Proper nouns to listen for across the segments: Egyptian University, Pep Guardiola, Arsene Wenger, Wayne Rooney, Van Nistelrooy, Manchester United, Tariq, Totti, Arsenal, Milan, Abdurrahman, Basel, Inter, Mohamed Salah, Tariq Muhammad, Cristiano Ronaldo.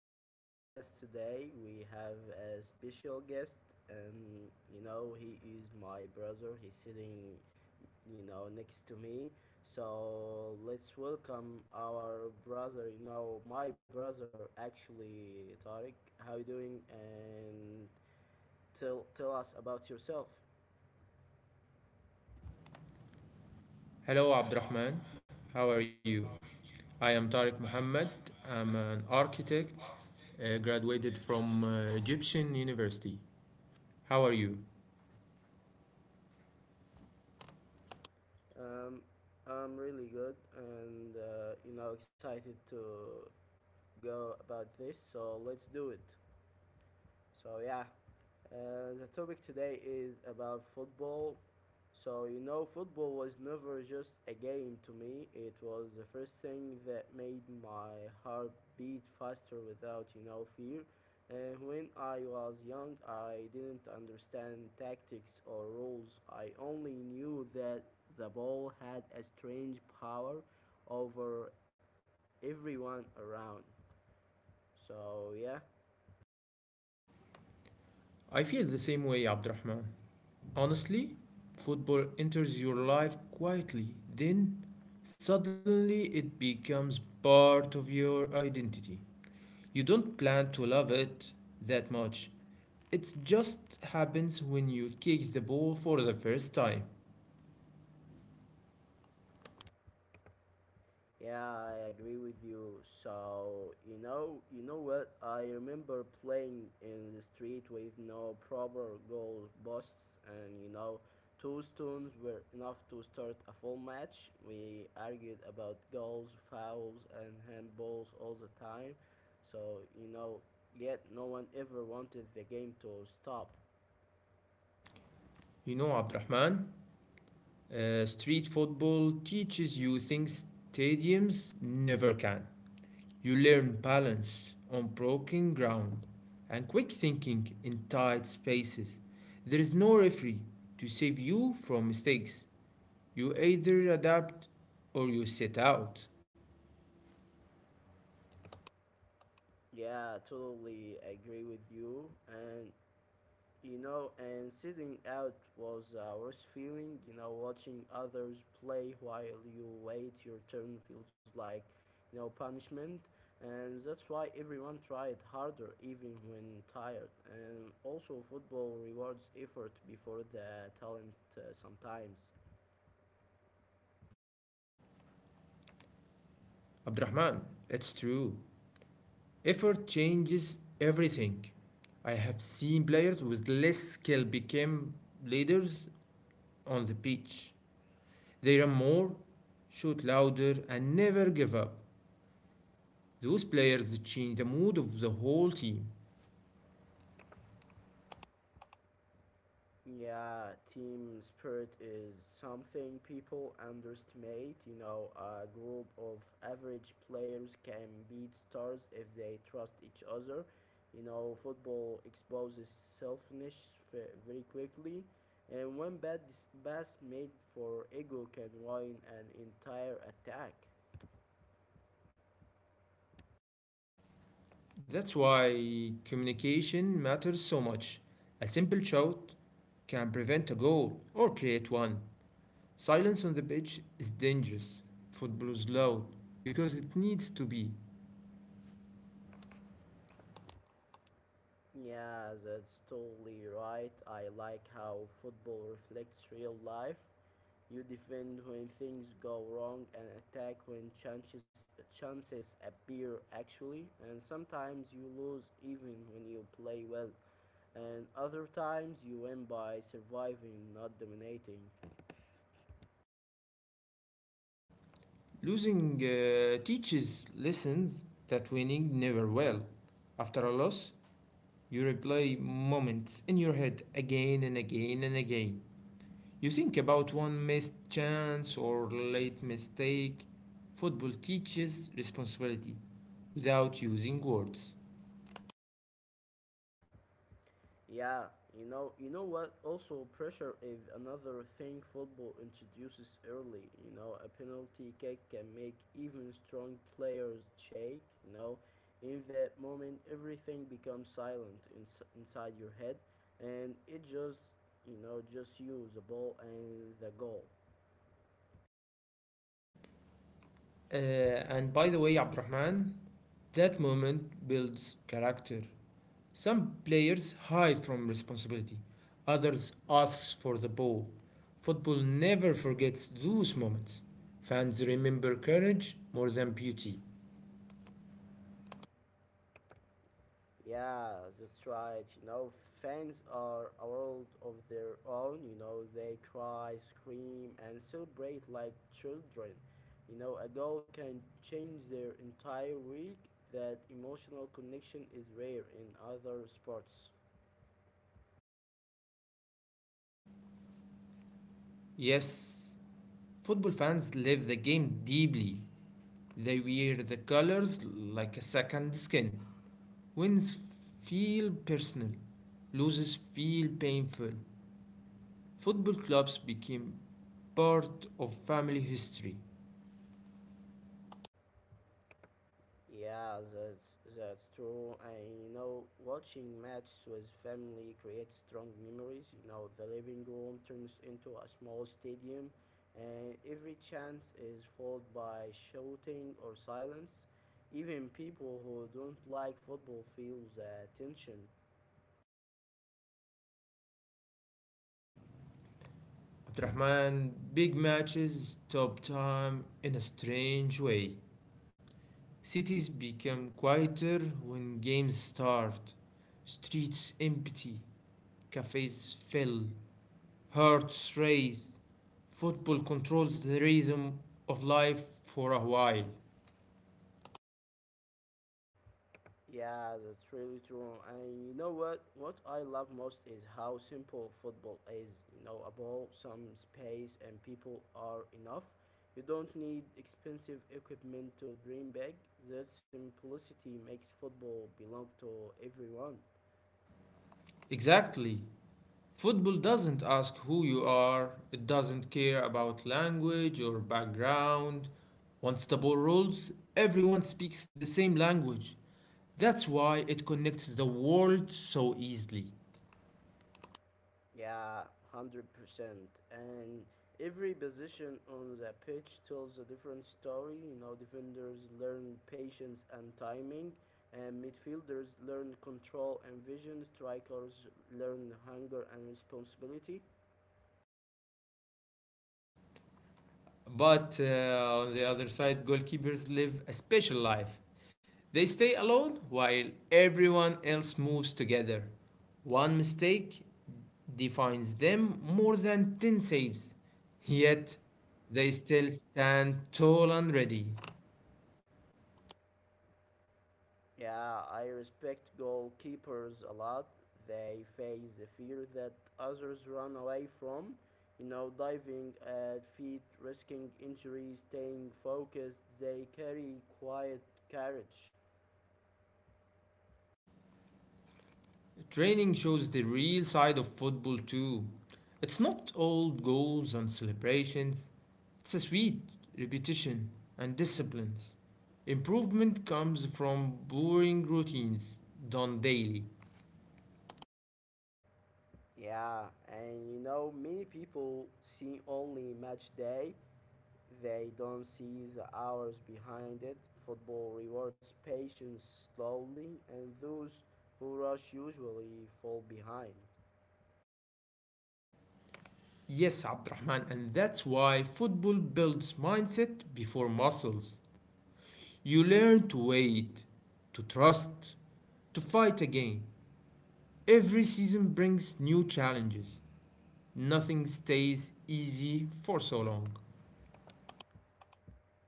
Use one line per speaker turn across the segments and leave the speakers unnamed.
our broadcast today. We have a special guest, and he is my brother. He's sitting, you know, next to me. So let's welcome our brother, my brother actually, Tariq. How you doing? And tell us about yourself.
Hello, Abdurrahman. How are you? I am Tariq Muhammad. I'm an architect, graduated from Egyptian University. How are you?
Um, I'm really good and, excited to go about this. So let's do it. So yeah, the topic today is about football. Football was never just a game to me. It was the first thing that made my heart beat faster without fear. And when I was young, I didn't understand tactics or rules. I only knew that the ball had a strange power over everyone around. So yeah.
I feel the same way, Abdurrahman. Honestly, football enters your life quietly, then suddenly it becomes part of your identity. You don't plan to love it that much. It just happens when you kick the ball for the first time.
Yeah, I agree with you. So you know what? I remember playing in the street with no proper goal posts, and two stones were enough to start a full match. We argued about goals, fouls, and handballs all the time. So you know, Yet no one ever wanted the game to stop.
You know, Abdurrahman, Street football teaches you things stadiums never can. You learn balance on broken ground and quick thinking in tight spaces. There is no referee to save you from mistakes. You either adapt or you sit out.
Yeah, totally agree with you. And sitting out was a worse feeling. You know, watching others play while you wait your turn feels like, punishment. And that's why everyone tried harder, even when tired. And also, football rewards effort before the talent sometimes.
Abdurrahman, it's true. Effort changes everything. I have seen players with less skill became leaders on the pitch. They run more, shoot louder, and never give up. Those players change the mood of the whole team.
Yeah, team spirit is something people underestimate. You know, a group of average players can beat stars if they trust each other. You know, football exposes selfishness very quickly, and one bad pass made for ego can ruin an entire attack.
That's why communication matters so much. A simple shout can prevent a goal or create one. Silence on the pitch is dangerous. Football is loud because it needs to be.
Yeah, that's totally right. I like how football reflects real life. You defend when things go wrong and attack when chances appear actually, and sometimes you lose even when you play well, and other times you win by surviving, not dominating.
Losing teaches lessons that winning never will. After a loss, you replay moments in your head again and again and again. You think about one missed chance or late mistake. Football teaches responsibility without using words.
Yeah, you know what? Also, pressure is another thing football introduces early. You know, a penalty kick can make even strong players shake. You know, in that moment, everything becomes inside your head, and it just, just you, the ball, and the goal.
And by the way, Abdurrahman, that moment builds character. Some players hide from responsibility, others ask for the ball. Football never forgets those moments. Fans remember courage more than beauty.
Yeah, that's right. You know, fans are a world of their own. You know, they cry, scream, and celebrate like children. You know, a goal can change their entire week. That emotional connection is rare in other sports.
Yes, football fans live the game deeply. They wear the colors like a second skin. Wins feel personal, loses feel painful. Football clubs became part of family history.
Yeah, that's true. I know watching matches with family creates strong memories. You know, the living room turns into a small stadium, and every chance is followed by shouting or silence. Even people who don't like football feel the tension.
Abdurrahman, big matches stop time in a strange way. Cities become quieter when games start. Streets empty, cafes fill, hearts race. Football controls the rhythm of life for a while.
Yeah, that's really true. And you know what? What I love most is how simple football is. You know, a ball, some space, and people are enough. You don't need expensive equipment to dream big. That simplicity makes football belong to everyone.
Exactly. Football doesn't ask who you are, it doesn't care about language or background. Once the ball rolls, everyone speaks the same language. That's why it connects the world so easily.
Yeah, 100%. And every position on the pitch tells a different story. You know, defenders learn patience and timing, and midfielders learn control and vision, strikers learn hunger and responsibility.
But on the other side, goalkeepers live a special life. They stay alone while everyone else moves together. One mistake defines them more than 10 saves. Yet, they still stand tall and ready.
Yeah, I respect goalkeepers a lot. They face a fear that others run away from. You know, diving at feet, risking injury, staying focused. They carry quiet courage.
Training shows the real side of football too. It's not all goals and celebrations. It's a sweet repetition and disciplines. Improvement comes from boring routines done daily.
Yeah, and you know, many people see only match day. They don't see the hours behind it. Football rewards patience slowly, and those who rush usually fall behind.
Yes, Abdurrahman, and that's why football builds mindset before muscles. You learn to wait, to trust, to fight again. Every season brings new challenges. Nothing stays easy for so long.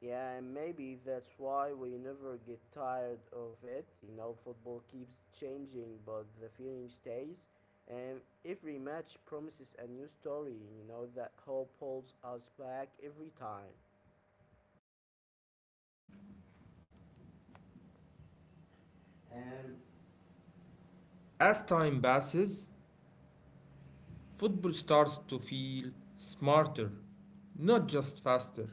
Yeah, and maybe that's why we never get tired of it. You know, football keeps changing, but the feeling stays. And every match promises a new story, you know, that hope holds us back every time.
As time passes, football starts to feel smarter, not just faster.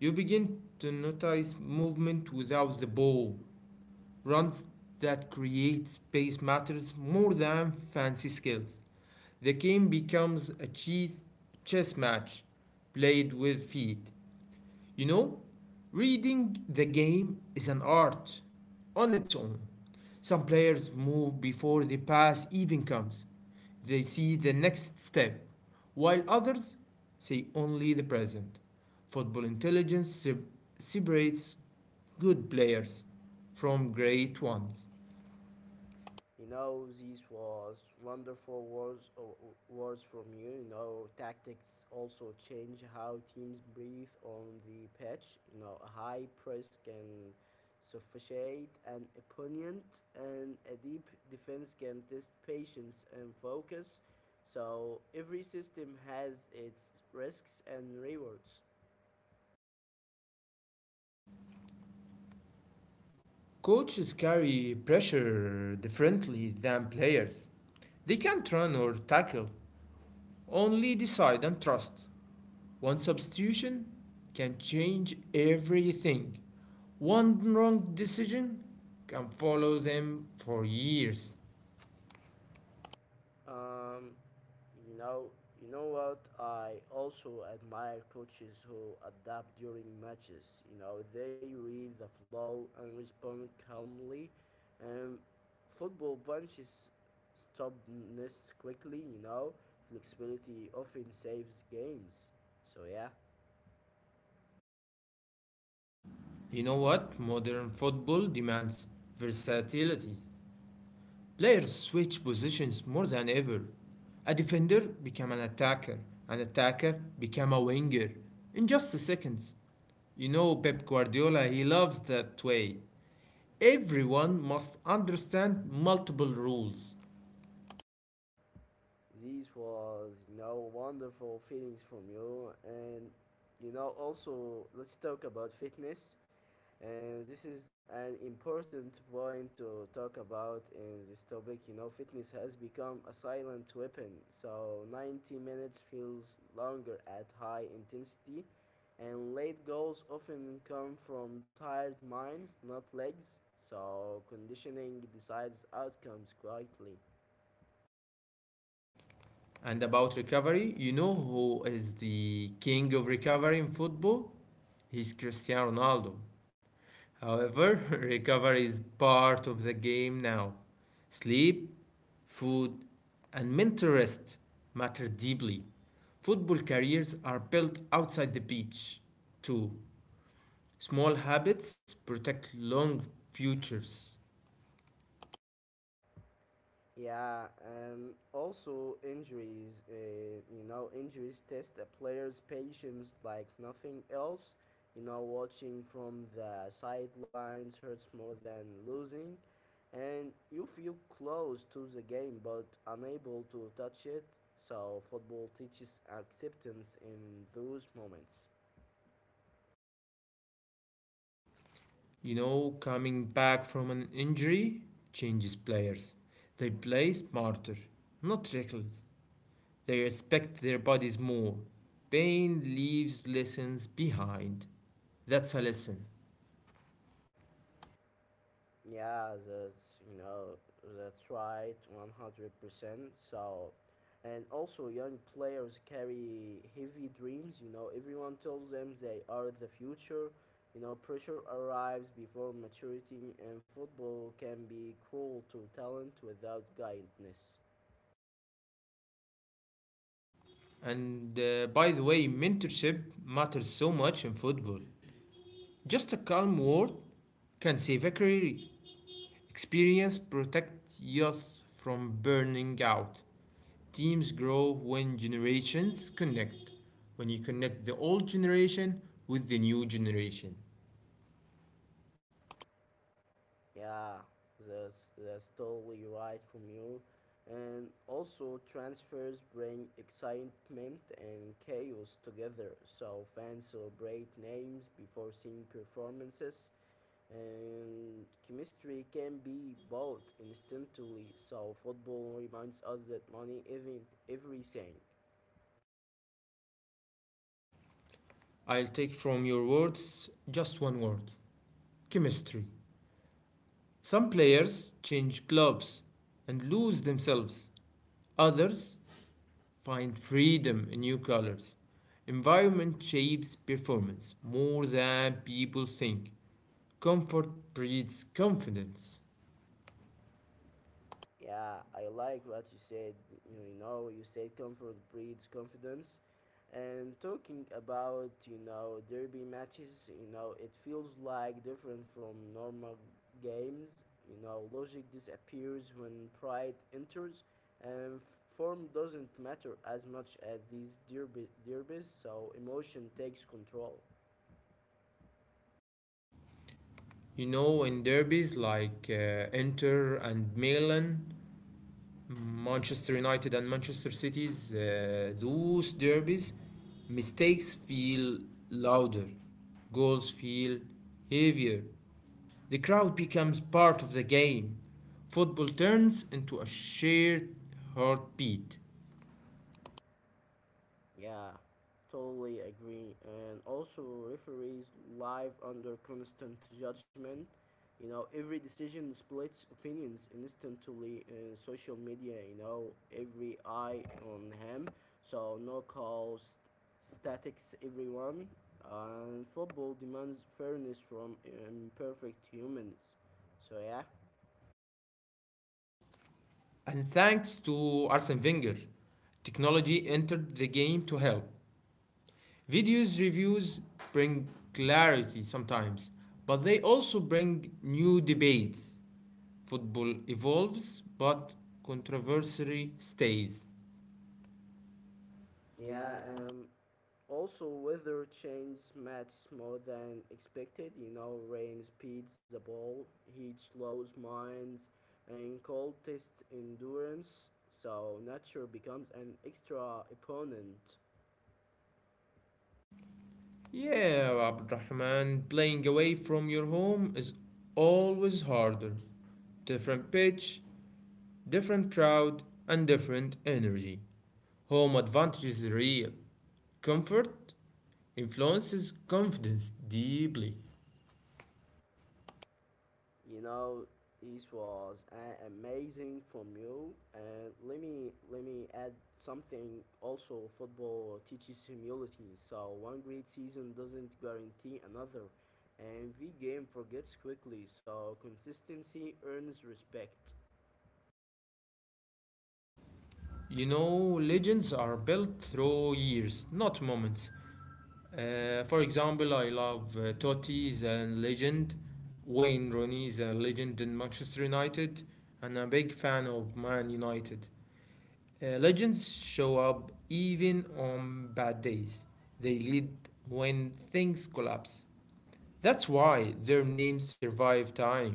You begin to notice movement without the ball, runs that create space matters more than fancy skills. The game becomes a chess match played with feet. You know, reading the game is an art on its own. Some players move before the pass even comes. They see the next step, while others see only the present. Football intelligence separates good players from great ones.
You know, these was words from you. You know, tactics also change how teams breathe on the pitch. You know, a high press can suffocate an opponent, and a deep defense can test patience and focus. So every system has its risks and rewards.
Coaches carry pressure differently than players. They can't run or tackle, only decide and trust. One substitution can change everything. One wrong decision can follow them for years.
Um, You know, you know what? I also admire coaches who adapt during matches. You know, they read the flow and respond calmly. Um, Football punches stubbornness quickly. You know, flexibility often saves games. So yeah,
You know what? Modern football demands versatility. Players switch positions more than ever. A defender became an attacker became a winger in just a second. You know Pep Guardiola, he loves that way. Everyone must understand multiple rules.
these was, you know, wonderful feelings from you, and you know, also let's talk about fitness. And this is an important point to talk about in this topic. You know, fitness has become a silent weapon, so 90 minutes feels longer at high intensity, and late goals often come from tired minds, not legs. So, conditioning decides outcomes quietly.
And about recovery, you know who is the king of recovery in football? He's Cristiano Ronaldo. However, recovery is part of the game now. Sleep, food, and mental rest matter deeply. Football careers are built outside the pitch, too. Small habits protect long futures.
Yeah, also injuries. You know, injuries test a player's patience like nothing else. You know, watching from the sidelines hurts more than losing, and you feel close to the game but unable to touch it. So, football teaches acceptance in those moments.
You know, coming back from an injury changes players. They play smarter, not reckless. They respect their bodies more. Pain leaves lessons behind. That's a lesson.
Yeah, that's, you know, that's right, 100%. And also, young players carry heavy dreams. You know, everyone tells them they are the future. You know, pressure arrives before maturity, and football can be cruel to talent without guidance.
And by the way, mentorship matters so much in football. Just a calm word can save a career. Experience protects youth from burning out. Teams grow when generations connect, when you connect the old generation with the new generation.
Yeah, that's totally right from you. And also, transfers bring excitement and chaos together. So fans celebrate names before seeing performances, and chemistry can be bought instantly. So football reminds us that money isn't everything.
I'll take from your words just one word: chemistry. Some players change clubs and lose themselves, others find freedom in new colors. Environment shapes performance more than people think. Comfort breeds confidence.
Yeah, I like what you said. You know, you said comfort breeds confidence. And talking about, you know, derby matches, you know, it feels like different from normal games. You know, logic disappears when pride enters, and form doesn't matter as much as these derby derbies, so emotion takes control.
You know, in derbies like Inter and Milan, Manchester United and Manchester City's, those derbies, mistakes feel louder, goals feel heavier. The crowd becomes part of the game. Football turns into a shared heartbeat.
Yeah, totally agree. And also, referees live under constant judgment. You know, every decision splits opinions instantly in social media. You know, every eye on him. So no calls, statics, everyone. And football demands fairness from imperfect humans. So yeah,
And thanks to Arsene Wenger, technology entered the game to help. Videos reviews bring clarity sometimes, but they also bring new debates. Football evolves, but controversy stays.
yeah. Also, weather changes matters more than expected. You know, rain speeds the ball, heat slows minds, and cold tests endurance. So nature becomes an extra opponent.
Yeah, Abdurrahman, playing away from your home is always harder. Different pitch, different crowd, and different energy. Home advantage is real. Comfort influences confidence deeply.
You know, it was amazing from you. And let me add something. Also, football teaches humility. So one great season doesn't guarantee another, and the game forgets quickly. So consistency earns respect.
You know, legends are built through years, not moments. For example, I love Totti is a legend, Wayne Rooney is a legend in Manchester United, and I'm a big fan of Man United. Legends show up even on bad days. They lead when things collapse. That's why their names survive time.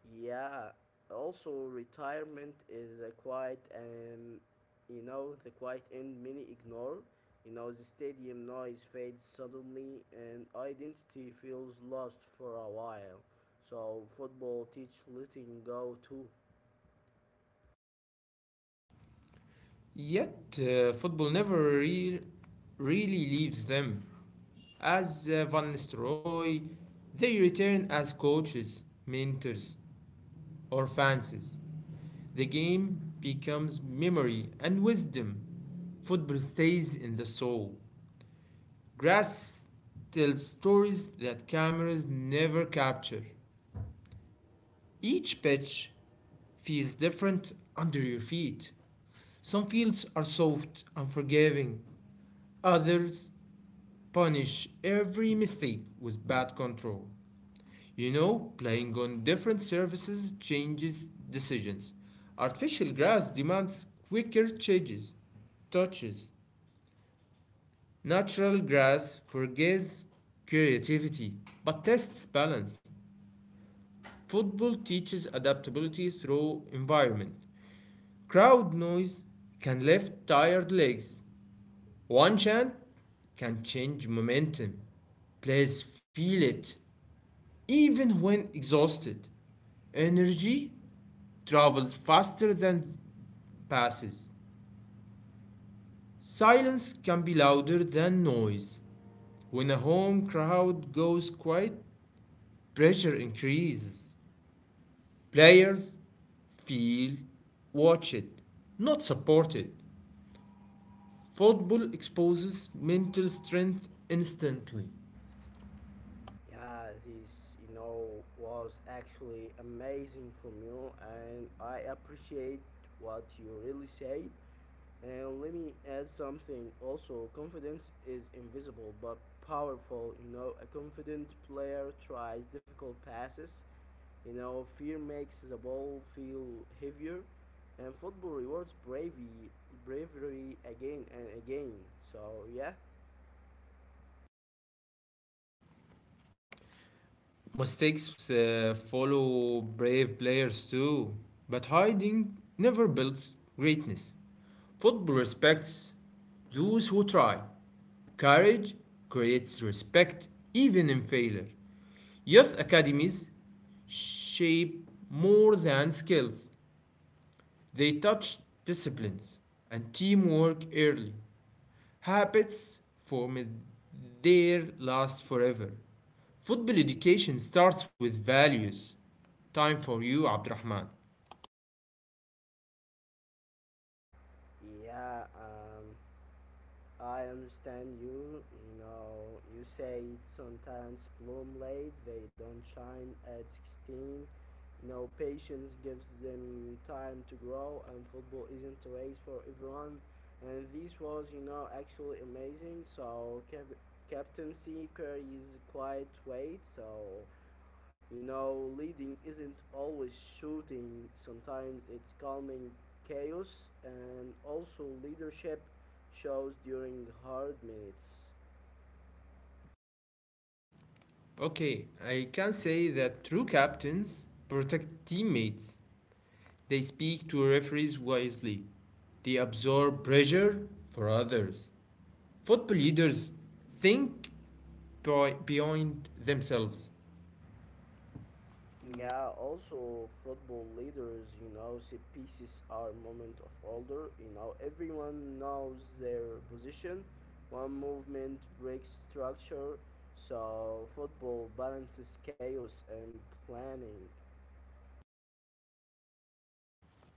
Yeah, also retirement is a quiet and, you know, the quiet end many ignore. You know, the stadium noise fades suddenly and identity feels lost for a while. So football teach letting go too.
Yet, football never really leaves them. As Van Nistelrooy, they return as coaches, mentors, or fans. The game becomes memory and wisdom. Football stays in the soul. Grass tells stories that cameras never capture. Each pitch feels different under your feet. Some fields are soft and forgiving, others punish every mistake with bad control. You know, playing on different surfaces changes decisions. Artificial grass demands quicker changes, touches. Natural grass forgives creativity but tests balance. Football teaches adaptability through environment. Crowd noise can lift tired legs. One chant can change momentum. Players feel it. Even when exhausted, energy travels faster than passes. Silence can be louder than noise. When a home crowd goes quiet, pressure increases. Players feel watched, not supported. Football exposes mental strength instantly.
Yeah, this, you know, was actually amazing from you, and I appreciate what you really said. And let me add something also. Confidence is invisible but powerful. You know, a confident player tries difficult passes. You know, fear makes the ball feel heavier. And football rewards bravery again and again. So, yeah.
Mistakes follow brave players too, but hiding never builds greatness. Football respects those who try. Courage creates respect even in failure. Youth academies shape more than skills, they touch disciplines and teamwork early. Habits formed there last forever. Football education starts with values. Time for you, Abdurrahman.
Yeah, I understand you. You know, you say some talents bloom late, they don't shine at 16. You know, patience gives them time to grow, and football isn't a race for everyone. And this was, you know, actually amazing. So, captaincy carries quite weight. So, you know, leading isn't always shooting, sometimes it's calming chaos, and also leadership shows during hard minutes.
Okay, I can say that true captains protect teammates. They speak to referees wisely. They absorb pressure for others. Football leaders think beyond themselves.
Yeah, also football leaders, you know, see pieces are moment of order. You know, everyone knows their position. One movement breaks structure, so football balances chaos and planning.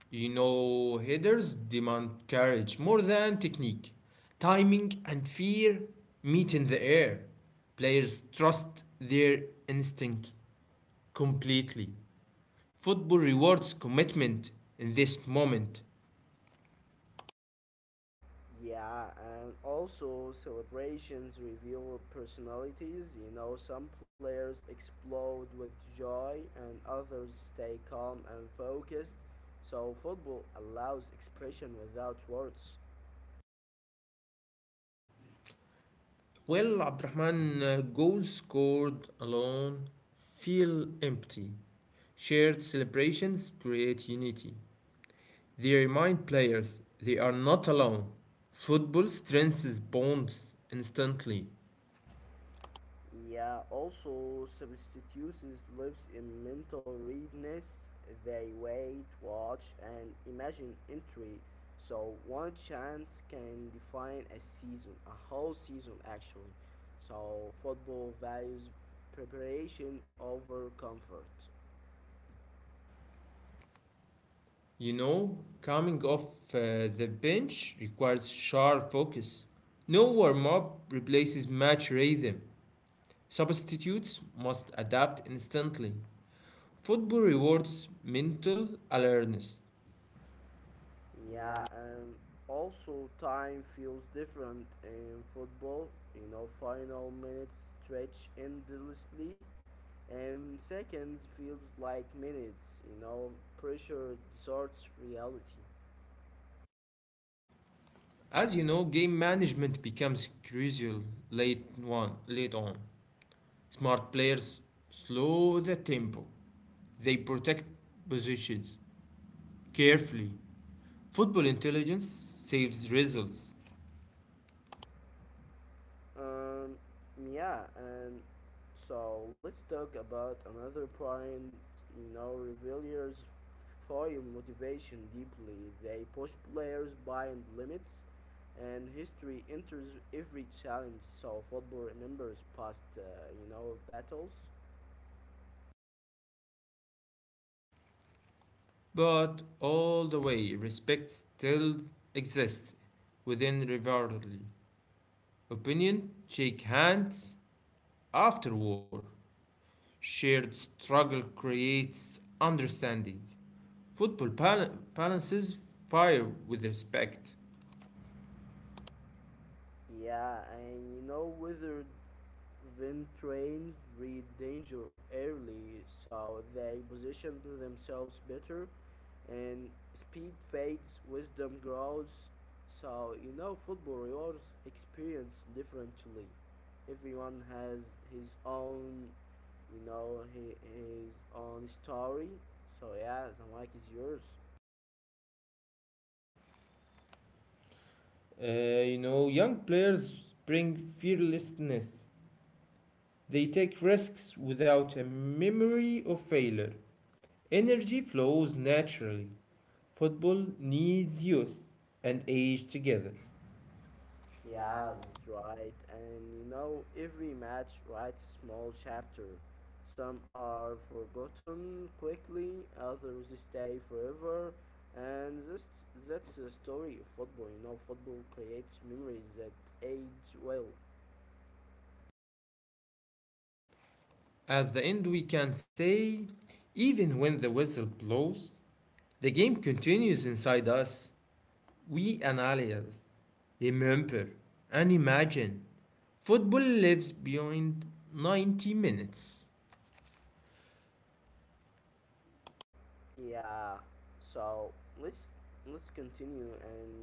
You know, headers demand courage more than technique. Timing and fear meet in the air. Players trust their instinct completely. Football rewards commitment in this moment.
Yeah, and also celebrations reveal personalities. You know, some players explode with joy and others stay calm and focused. So, football allows expression without words.
Well, Abdurrahman, goals scored alone feel empty. Shared celebrations create unity. They remind players they are not alone. Football strengthens bonds instantly.
Yeah, also substitutes lives in mental readiness. They wait, watch, and imagine entry. So one chance can define a whole season actually. So football values preparation over comfort.
You know, coming off uh, the bench requires sharp focus. No warm up replaces match rhythm. Substitutes must adapt instantly. Football rewards mental alertness.
Yeah, and also time feels different in football. You know, final minutes stretch endlessly, and seconds feels like minutes. You know, pressure distorts reality.
As you know, game management becomes crucial late on. Late on, smart players slow the tempo. They protect positions carefully. Football intelligence saves results,
Um, yeah, and so let's talk about another point. You know, revealers foil motivation deeply. They push players beyond limits, and history enters every challenge. So football remembers past, you know, battles.
but all the way, respect still exists within rivalry. Opinion, shake hands after war. Shared struggle creates understanding. Football balances fire with respect.
Yeah, and you know whether then trains read danger early so they position themselves better, and speed fades, wisdom grows. So, you know, football rewards experience differently. Everyone has his own, you know, his own story. So, yeah, the mic is yours.
You know, young players bring fearlessness. They take risks without a memory of failure. Energy flows naturally. Football needs youth and age together.
Yeah, that's right. And you know, every match writes a small chapter. Some are forgotten quickly, others stay forever. And that's the story of football. You know, football creates memories that age well.
At the end, we can say even when the whistle blows, the game continues inside us. We analyze, remember, and imagine. Football lives beyond 90 minutes.
Yeah. So let's let's continue and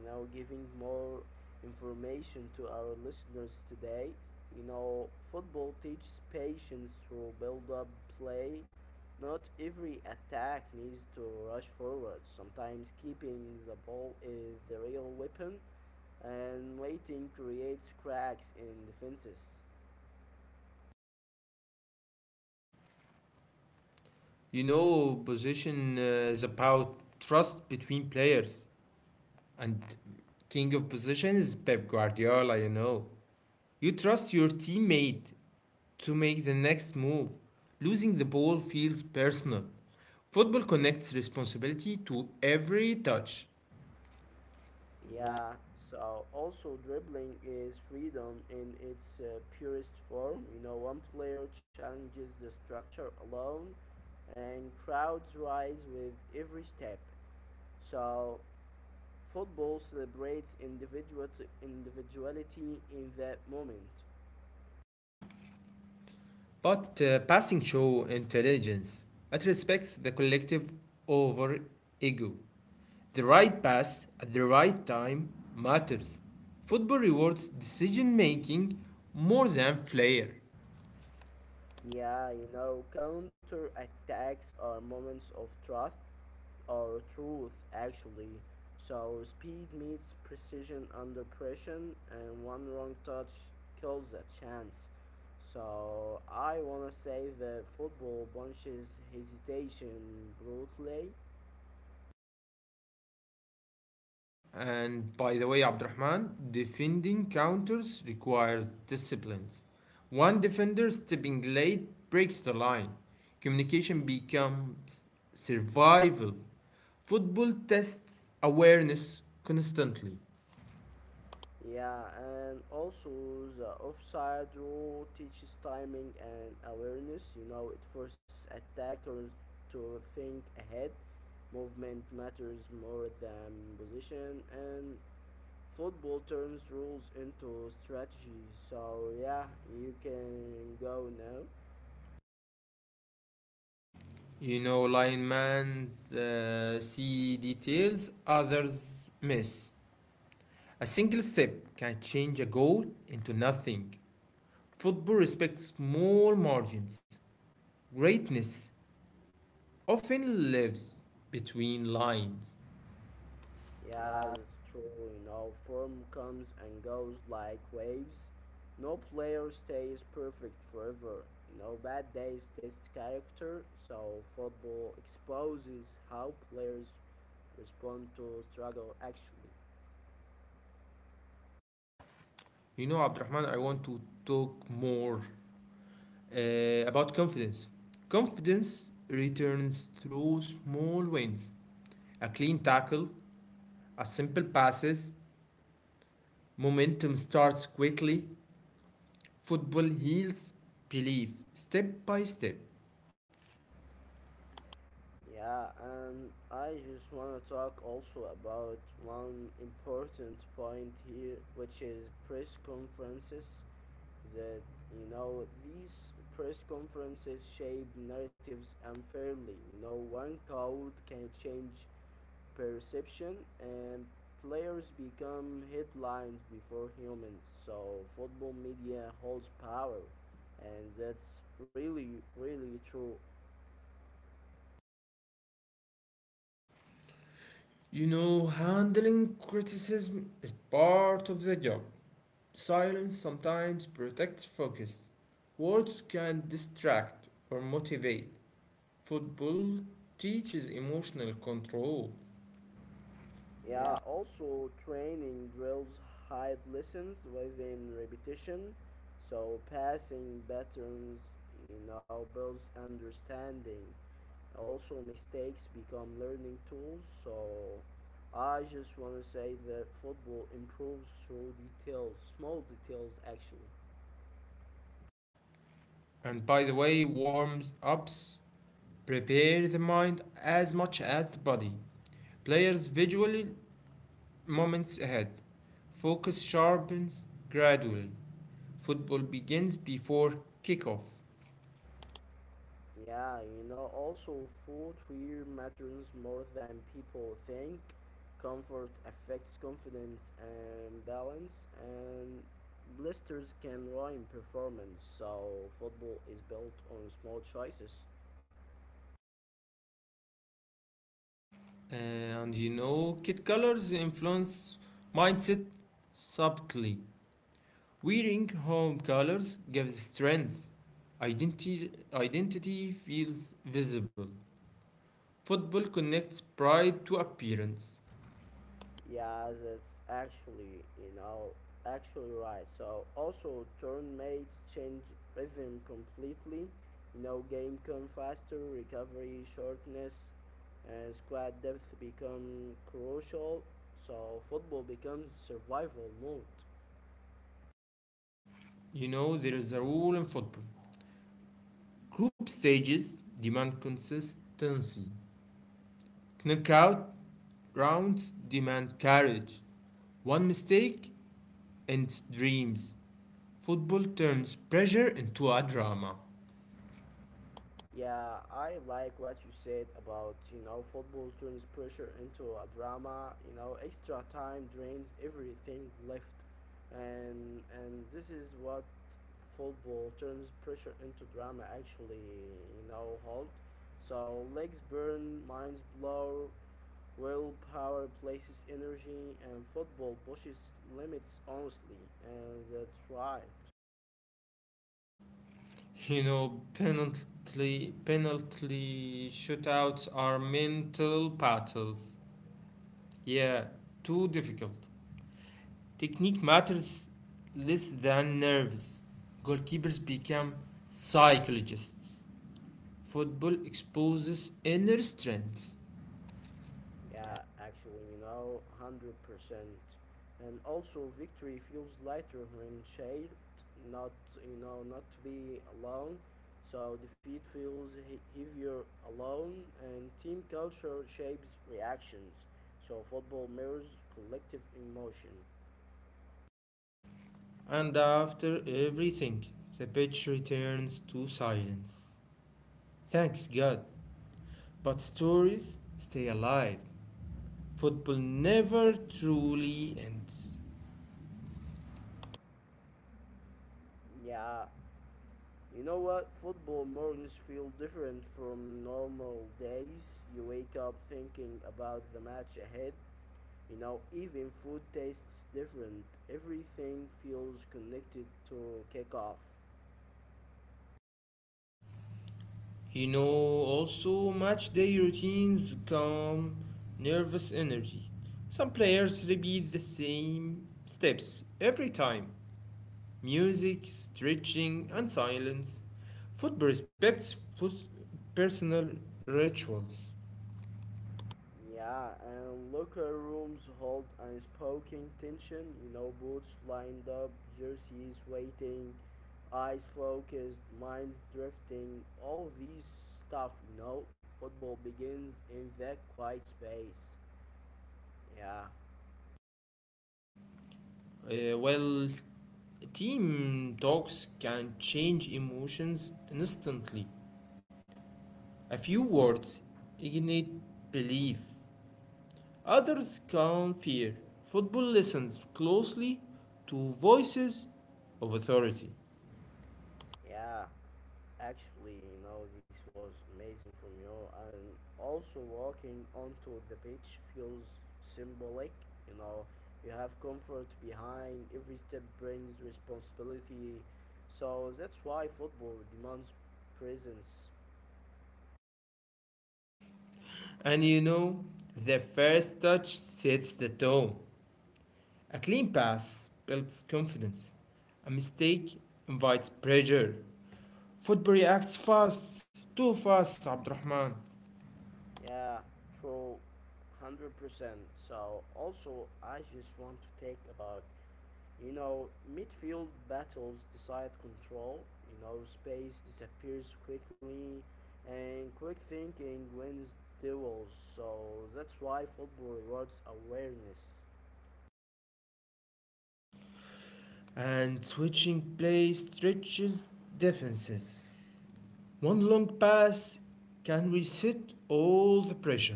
you know giving more information to our listeners today. You know, football teaches patience through build-up play. Not every attack needs to rush forward. Sometimes keeping the ball is the real weapon, and waiting creates cracks in defenses.
You know, position is about trust between players, and king of position is Pep Guardiola, you know. You trust your teammate to make the next move. Losing the ball feels personal. Football connects responsibility to every touch.
Yeah, so also dribbling is freedom in its purest form. You know, one player challenges the structure alone, and crowds rise with every step. So, football celebrates individuality in that moment.
But passing show intelligence. It respects the collective over ego. The right pass at the right time matters. Football rewards decision making more than flair.
Yeah, you know, counter attacks are moments of truth actually. So speed meets precision under pressure, and one wrong touch kills a chance. So I wanna say that football punches hesitation brutally.
And by the way, Abdurrahman, defending counters requires discipline. One defender stepping late breaks the line. Communication becomes survival. Football tests awareness constantly.
Yeah, and also the offside rule teaches timing and awareness. You know, it forces attacker to think ahead. Movement matters more than position, and football turns rules into strategy. So, yeah, you can go now.
You know, lineman's see details others miss. A single step can change a goal into nothing. Football respects small margins. Greatness often lives between lines.
Yeah, that's true. You know, form comes and goes like waves. No player stays perfect forever. You know, bad days test character, so football exposes how players respond to struggle actually.
You know, Abdurrahman, I want to talk more uh, about confidence. Confidence returns through small wins. A clean tackle, a simple passes, momentum starts quickly. Football heals belief step by step.
Yeah, and I just want to talk also about one important point here, which is press conferences. That You know, these press conferences shape narratives unfairly. You know, one code can change perception, and players become headlines before humans. So football media holds power, and that's really true.
You know, handling criticism is part of the job. Silence sometimes protects focus. Words can distract or motivate. Football teaches emotional control.
Yeah, also training drills hide lessons within repetition, so passing patterns, you know, builds understanding. Also, mistakes become learning tools, so I just want to say that football improves through details, small details actually.
And by the way, warm ups prepare the mind as much as the body. Players visually moments ahead. Focus sharpens gradually. Football begins before kickoff,
Yeah, you know, also footwear matters more than people think. Comfort affects confidence and balance, and blisters can ruin performance. So, football is built on small choices.
and kid colors influence mindset subtly. Wearing home colors gives strength. Identity feels visible. Football connects pride to appearance.
Yeah, that's actually, you know, actually right. So also turn mates change rhythm completely. You know, game come faster, recovery shortness, and squad depth become crucial. So football becomes survival mode.
You know, there is a rule in football. Group stages demand consistency. Knockout rounds demand courage. One mistake ends dreams. Football turns pressure into a drama.
Yeah, I like what you said about, you know, football turns pressure into a drama, you know, extra time drains everything left. And this is what football turns pressure into drama actually, you know, hold. So legs burn, minds blow, willpower places energy, and football pushes limits honestly, and that's right.
You know, penalty shootouts are mental battles. Yeah, too difficult. Technique matters less than nerves. Goalkeepers become psychologists. Football exposes inner strength.
Yeah, actually, you know, 100%. And also, victory feels lighter when shared, not, you know, not to be alone. So, defeat feels heavier alone, and team culture shapes reactions. So, football mirrors collective emotion.
And after everything, the pitch returns to silence. Thanks God, but stories stay alive. Football never truly ends.
Yeah, you know what? Football mornings feel different from normal days. You wake up thinking about the match ahead. You know, even food tastes different. Everything feels connected to kickoff.
You know, also, match day routines calm nervous energy. Some players repeat the same steps every time: music, stretching, and silence. Football respects personal rituals.
Yeah, and locker rooms hold unspoken tension. You know, boots lined up, jerseys waiting, eyes focused, minds drifting. All these stuff, you know, football begins in that quiet space. Yeah,
Well, team talks can change emotions instantly. A few words ignite belief. Others can fear. Football listens closely to voices of authority.
yeah. Actually, you know, this was amazing from you. And also, walking onto the beach feels symbolic. You know, you have comfort behind every step brings responsibility. So that's why football demands presence.
And you know, the first touch sets the tone. A clean pass builds confidence. A mistake invites pressure. Football reacts fast, too fast, Abdurrahman.
Yeah, true, 100%. So also, I just want to take about, you know, midfield battles decide control, you know, space disappears quickly, and quick thinking wins duels, so that's why football rewards awareness.
And switching play stretches defenses. One long pass can reset all the pressure.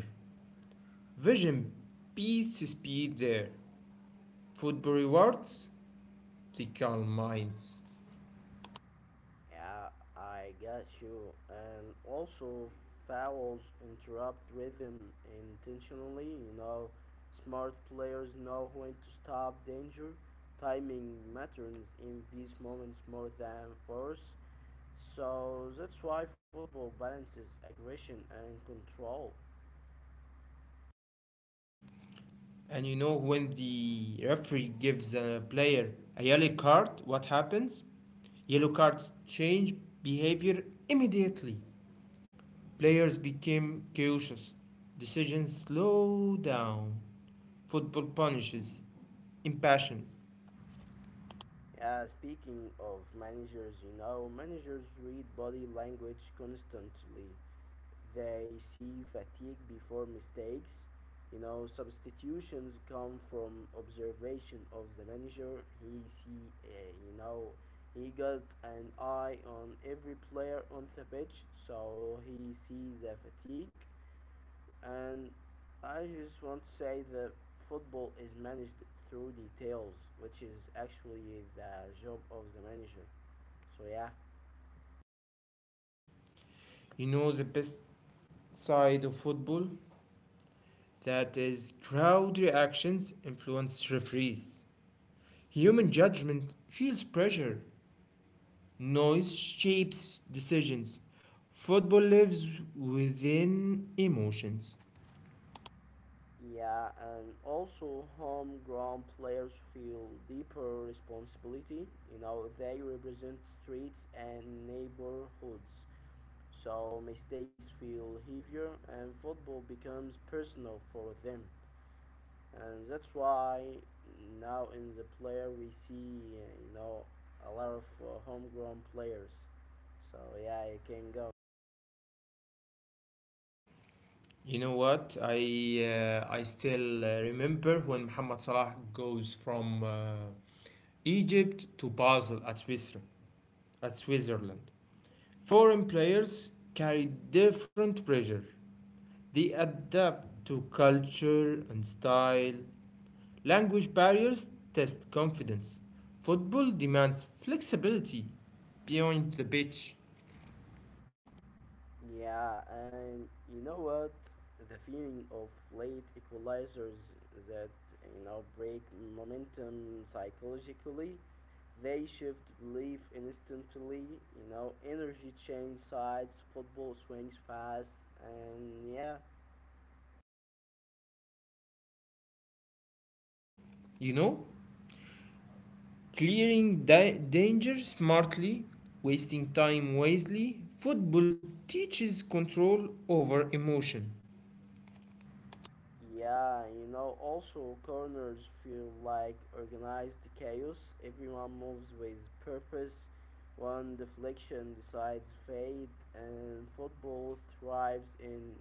Vision beats speed there. Football rewards the calm minds.
Yeah, I got you. And also, fouls interrupt rhythm intentionally, you know, smart players know when to stop danger. Timing matters in these moments more than force. So that's why football balances aggression and control.
And you know when the referee gives a player a yellow card, what happens? Yellow cards change behavior immediately. Players became cautious. Decisions slow down. Football punishes impatience.
Yeah, speaking of managers, you know, managers read body language constantly. They see fatigue before mistakes. You know, substitutions come from observation of the manager. He see, you know, he got an eye on every player on the pitch, so he sees the fatigue. And I just want to say that football is managed through details, which is actually the job of the manager. So yeah,
You know the best side of football? That is crowd reactions influence referees. Human judgment feels pressure. Noise shapes decisions. Football lives within emotions.
yeah, and also homegrown players feel deeper responsibility. You know, they represent streets and neighborhoods. So mistakes feel heavier, and football becomes personal for them. And that's why now in the player we see you know, a lot of homegrown players, so yeah, you can go.
You know what? I still remember when Mohamed Salah goes from Egypt to Basel at Switzerland. At Switzerland, foreign players carry different pressure. They adapt to culture and style. Language barriers test confidence. Football demands flexibility beyond the pitch,
Yeah, and you know what, the feeling of late equalizers that, you know, break momentum psychologically. They shift belief instantly. You know, energy change sides, football swings fast. And yeah.
you know? Clearing danger smartly, wasting time wisely. Football teaches control over emotion.
Yeah, you know, also corners feel like organized chaos. Everyone moves with purpose. One deflection decides fate, and football thrives in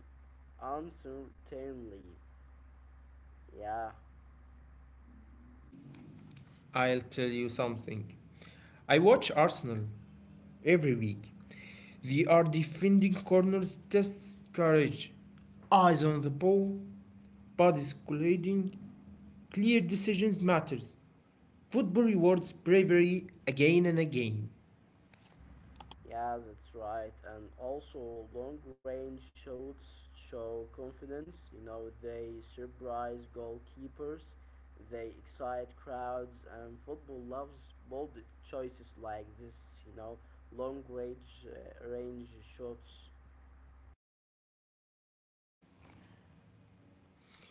uncertainty. Yeah.
I'll tell you something. I watch Arsenal every week. They are defending corners, tests courage, eyes on the ball, bodies colliding. Clear decisions matters. Football rewards bravery again and again.
Yeah, that's right. And also, long range shots show confidence. You know, they surprise goalkeepers, they excite crowds, and football loves bold choices like this. You know, long range range shots.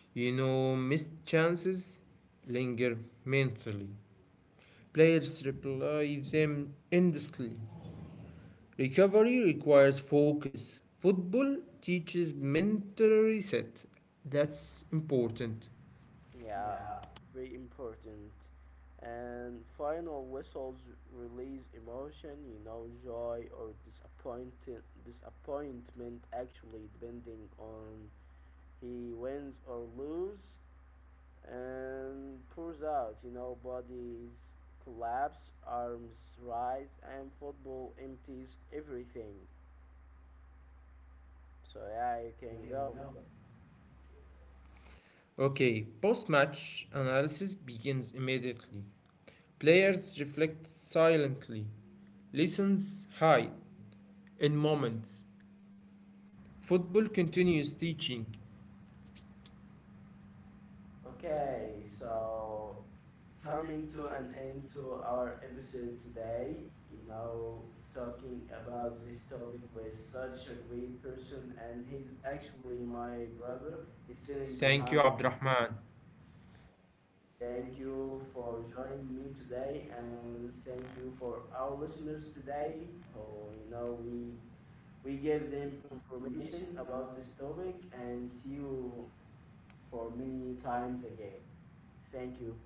You know, missed chances linger mentally. Players replay them endlessly. Recovery requires focus. Football teaches mental reset. That's important.
Yeah, very important. And final whistles release emotion. You know, joy or disappointed disappointment. Actually, depending on he wins or loses and pours out. You know, bodies collapse, arms rise, and football empties everything. So yeah, you can go.
Okay, post match analysis begins immediately. Players reflect silently. Lessons hide in moments. Football continues teaching.
Okay,
Okay,
so
so
coming
coming
to
to
an
an
end
end
to
to
our
our
episode
episode
today.
today,
You know,
talking
talking about
about
this
this
topic
topic
with
with such
such a
a
great
great
person,
person,
and
and
he's
he's
actually
actually
my
my
brother.
brother.
He's
He's
sitting
sitting,
behind
thank you,
me.
behind, me, Abdurrahman.
Thank
Thank
you
you
for
for
joining
joining
me
me
today,
today, and
and thank
thank
you
you
for
for
our
our
listeners
listeners
today.
today. Oh,
Oh, you
you
know,
know,
we
we
we
we
gave
gave
them
them
information
information
about
about
this
this
topic,
topic,
and
and
see
see
you
you
for
for
many
many
times
times
again.
again.
Thank
Thank
you.
you.